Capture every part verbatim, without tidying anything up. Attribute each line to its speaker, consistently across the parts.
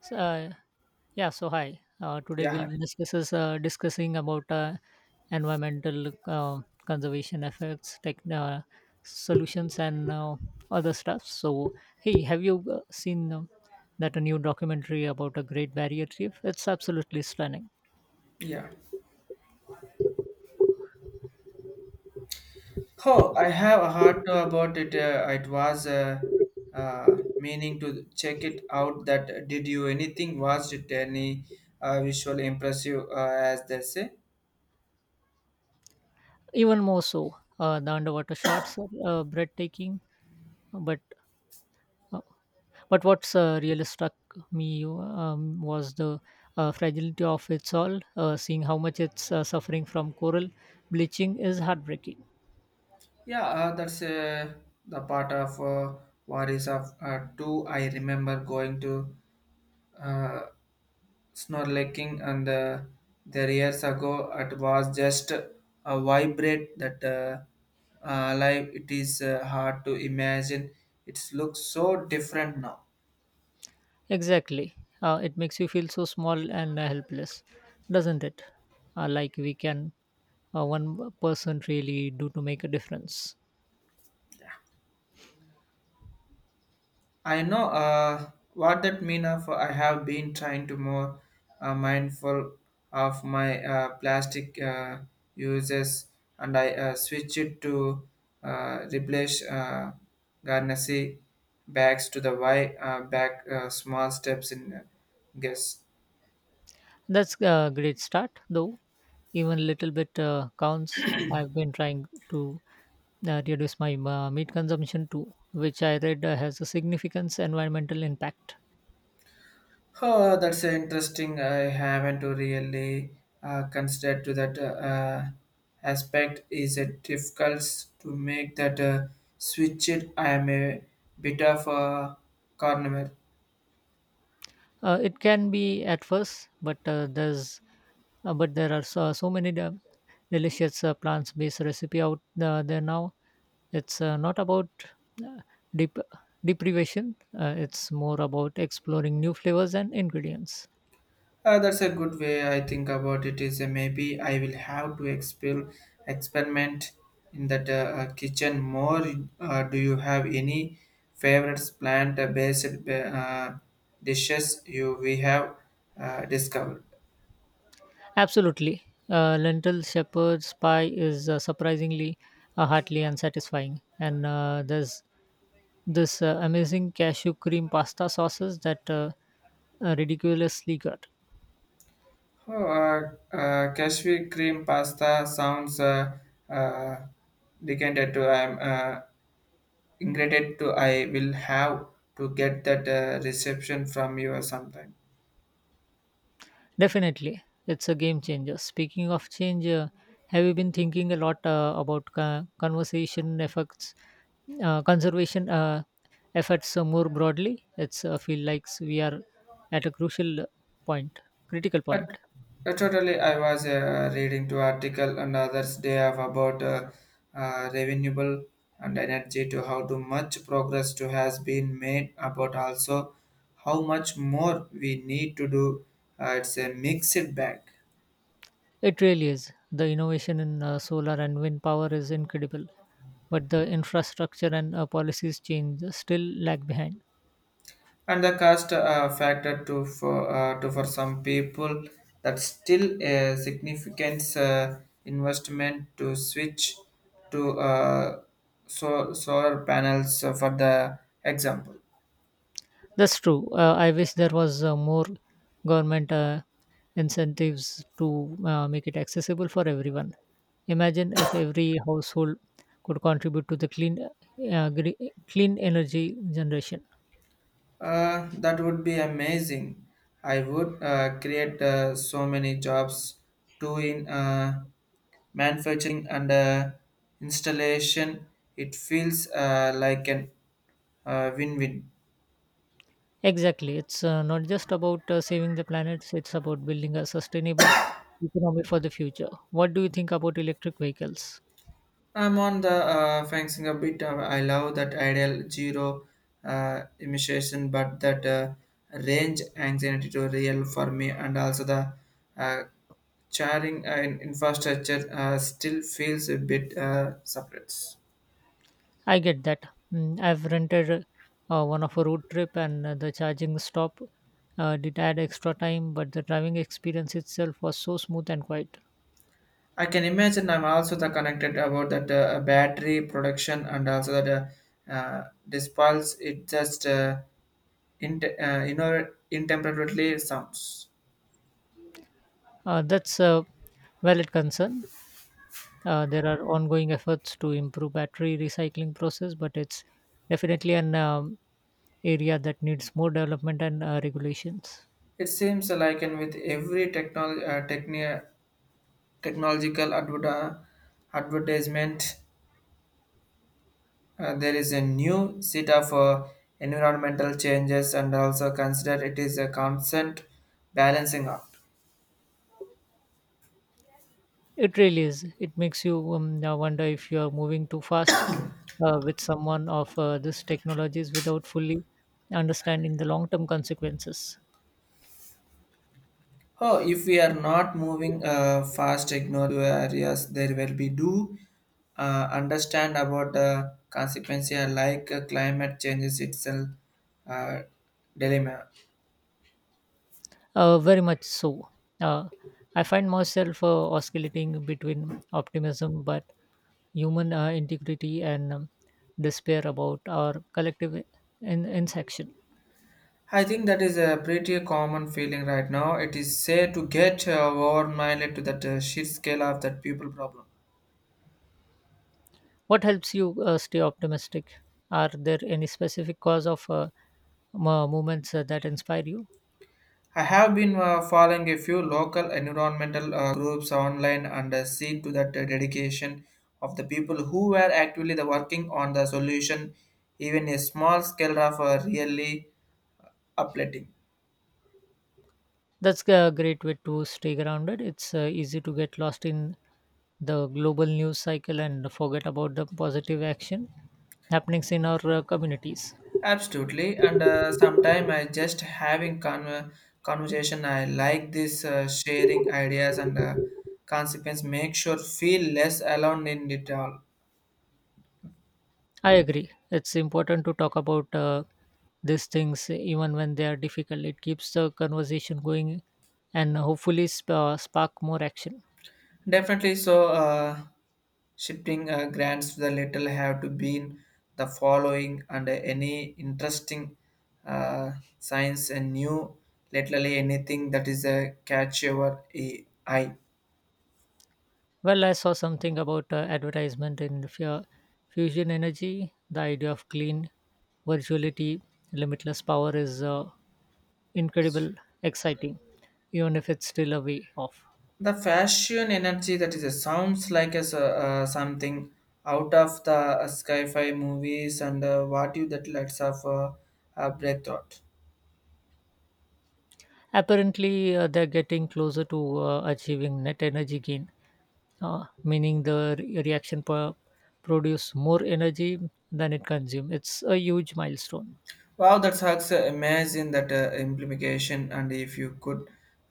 Speaker 1: So, uh, yeah. So hi. Uh, today
Speaker 2: Yeah,
Speaker 1: we'll
Speaker 2: hi.
Speaker 1: be discusses, uh, discussing about uh, environmental uh, conservation efforts, tech, uh, solutions, and uh, other stuff. So hey, have you uh, seen um, that a new documentary about a Great Barrier Reef? It's absolutely stunning.
Speaker 2: Yeah. Oh, I have heard about it. Uh, it was uh, uh, meaning to check it out. That did you anything? Was it any uh, visual impressive uh, as they say?
Speaker 1: Even more so, uh, the underwater shots are uh, breathtaking. But uh, But what's uh, really struck me um, was the uh, fragility of its all. Uh, seeing how much it's uh, suffering from coral bleaching is heartbreaking.
Speaker 2: Yeah, uh, that's uh, the part of uh, what is of uh, two. I remember going to uh, snorkeling and uh, their years ago it was just a vibrate that uh, uh, life it is uh, hard to imagine it looks so different now.
Speaker 1: Exactly. Uh, it makes you feel so small and uh, helpless, doesn't it? Uh, like we can, uh, one person really do to make a difference.
Speaker 2: I know uh, what that mean of. I have been trying to more uh, mindful of my uh, plastic uh, uses, and I uh, switch it to uh, replace uh, garnacy, bags to the why uh, back uh, small steps in uh, guess.
Speaker 1: That's a great start, though. Even little bit uh, counts. I've been trying to uh, reduce my uh, meat consumption too, which I read uh, has a significant environmental impact.
Speaker 2: Oh, that's uh, interesting. I haven't really uh, considered to that uh, uh, aspect. Is it difficult to make that uh, switch? It I am a bit of a carnivore.
Speaker 1: Uh, it can be at first, but uh, there's uh, but there are so, so many de- delicious uh, plant-based recipe out uh, there now. It's uh, not about uh, dep- deprivation. Uh, it's more about exploring new flavors and ingredients.
Speaker 2: Uh, that's a good way I think about it. Is uh, maybe I will have to exper- experiment in that uh, uh, kitchen more. Uh, do you have any favorites plant-based uh, dishes you we have uh, discovered?
Speaker 1: Absolutely. Uh, lentil shepherd's pie is uh, surprisingly uh, heartily and satisfying. And uh, there's this uh, amazing cashew cream pasta sauces that uh, uh, ridiculously good.
Speaker 2: Oh, uh, uh, cashew cream pasta sounds uh, uh, decanted to. I'm uh, ingredient to I will have to get that uh, reception from you sometime.
Speaker 1: Definitely, it's a game changer. Speaking of change, uh, have you been thinking a lot uh, about co- conversation effects, uh, conservation uh, efforts uh, more broadly? It's uh, feel like we are at a crucial point, critical
Speaker 2: But
Speaker 1: point.
Speaker 2: uh, totally, I was uh, reading to article on others day of about uh, uh, renewable and energy to how too much progress to has been made about also how much more we need to do. Uh, it's a mixed bag.
Speaker 1: It really is. The innovation in uh, solar and wind power is incredible, but the infrastructure and uh, policies change still lag behind.
Speaker 2: And the cost uh, factor to for uh, to for some people, that's still a significant uh, investment to switch to uh, so- solar panels uh, for the example.
Speaker 1: That's true. Uh, I wish there was uh, more government uh, incentives to uh, make it accessible for everyone. Imagine if every household could contribute to the clean, uh, gre- clean energy generation.
Speaker 2: Uh, that would be amazing. I would uh, create uh, so many jobs too in uh, manufacturing and uh, installation. It feels uh, like an uh, win-win.
Speaker 1: Exactly. It's uh, not just about uh, saving the planet, it's about building a sustainable economy for the future. What do you think about electric vehicles?
Speaker 2: I'm on the uh, fencing a bit. Uh, I love that ideal zero uh, emission, but that uh, range anxiety to real for me, and also the uh, charring and infrastructure uh, still feels a bit uh, separates.
Speaker 1: I get that. Mm, I've rented uh, one of a road trip, and uh, the charging stop uh, did add extra time, but the driving experience itself was so smooth and quiet.
Speaker 2: I can imagine. I'm also the connected about that uh, battery production, and also that uh, uh, dispels it just uh, in, uh, you know intemperately sounds.
Speaker 1: Uh, that's a valid concern. Uh, there are ongoing efforts to improve battery recycling process, but it's definitely an um, area that needs more development and uh, regulations.
Speaker 2: It seems like, and with every technol uh, techni- technological adver- advertisement, uh, there is a new set of uh, environmental changes, and also consider it is a constant balancing act.
Speaker 1: It really is. It makes you um, uh, wonder if you are moving too fast uh, with someone of uh, this technologies without fully understanding the long-term consequences.
Speaker 2: Oh, if we are not moving uh, fast, ignore the areas, there will be do uh, understand about the consequences like uh, climate changes itself uh, dilemma.
Speaker 1: Uh, very much so. Uh, I find myself uh, oscillating between optimism, but human uh, integrity and um, despair about our collective in, insection.
Speaker 2: I think that is a pretty common feeling right now. It is said to get uh, overwhelmed to that uh, sheer scale of that people problem.
Speaker 1: What helps you uh, stay optimistic? Are there any specific cause of uh, mo- movements uh, that inspire you?
Speaker 2: I have been uh, following a few local environmental uh, groups online and uh, seen to that uh, dedication of the people who were actively the working on the solution. Even a small scale of uh, really uplifting.
Speaker 1: That's a great way to stay grounded. It's uh, easy to get lost in the global news cycle and forget about the positive action happenings in our uh, communities.
Speaker 2: Absolutely, and uh, sometime I just having con- conversation. I like this uh, sharing ideas and uh, consequence make sure feel less alone in it all.
Speaker 1: I agree. It's important to talk about uh, these things even when they are difficult. It keeps the conversation going and hopefully sp- uh, spark more action.
Speaker 2: Definitely, so uh, shifting uh, grants to the little have to be in the following and any interesting uh, science and new, literally anything that is a catch your e- eye.
Speaker 1: Well, I saw something about uh, advertisement in fu- fusion energy. The idea of clean virtuality, limitless power is uh, incredible, exciting, even if it's still a way off.
Speaker 2: The fashion energy that is a sounds like as a, uh, something out of the uh, sci-fi movies and uh, what you that lets of uh, uh, breath thought.
Speaker 1: Apparently, uh, they're getting closer to uh, achieving net energy gain, uh, meaning the re- reaction pro- produce more energy than it consumes. It's a huge milestone.
Speaker 2: Wow, that's sucks. Uh, imagine that uh, implication, and if you could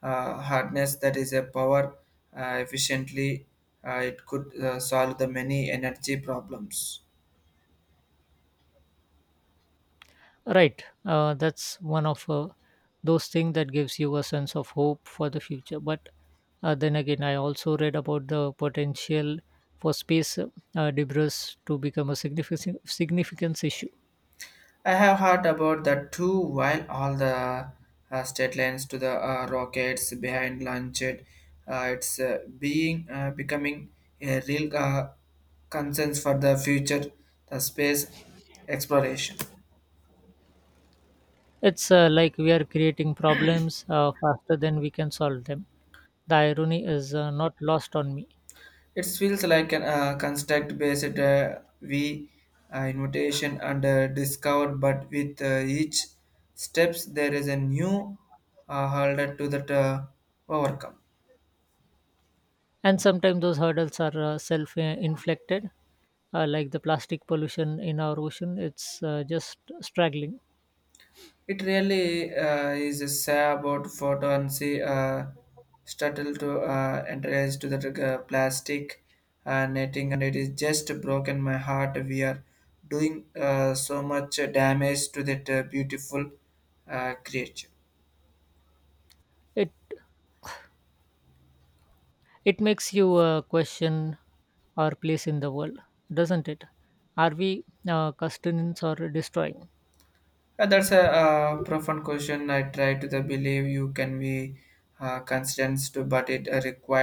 Speaker 2: uh, harness that is a power uh, efficiently, uh, it could uh, solve the many energy problems.
Speaker 1: Right. Uh, that's one of uh, those things that gives you a sense of hope for the future. But uh, Then again, I also read about the potential for space uh, debris to become a significant significance issue.
Speaker 2: I have heard about that too. While all the uh, state lines to the uh, rockets behind launched, uh, it's uh, being uh, becoming a real uh, concern for the future, the space exploration.
Speaker 1: It's uh, like we are creating problems uh, faster than we can solve them. The irony is uh, not lost on me.
Speaker 2: It feels like an uh, construct-based uh, we uh, invitation and uh, discover, but with uh, each steps there is a new uh, hurdle to that uh, overcome.
Speaker 1: And sometimes those hurdles are uh, self uh, inflicted, uh, like the plastic pollution in our ocean. It's uh, just straggling.
Speaker 2: It really uh, is a say about photo and see uh, startle to uh, entrance to the uh, plastic uh, netting, and it is just broken my heart. We are doing uh, so much damage to that uh, beautiful uh, creature.
Speaker 1: It, it makes you uh, question our place in the world, doesn't it? Are we uh, sustenance or destroying?
Speaker 2: Uh, that's a uh, profound question. I try to the believe you can be uh, constraints to, but it uh, required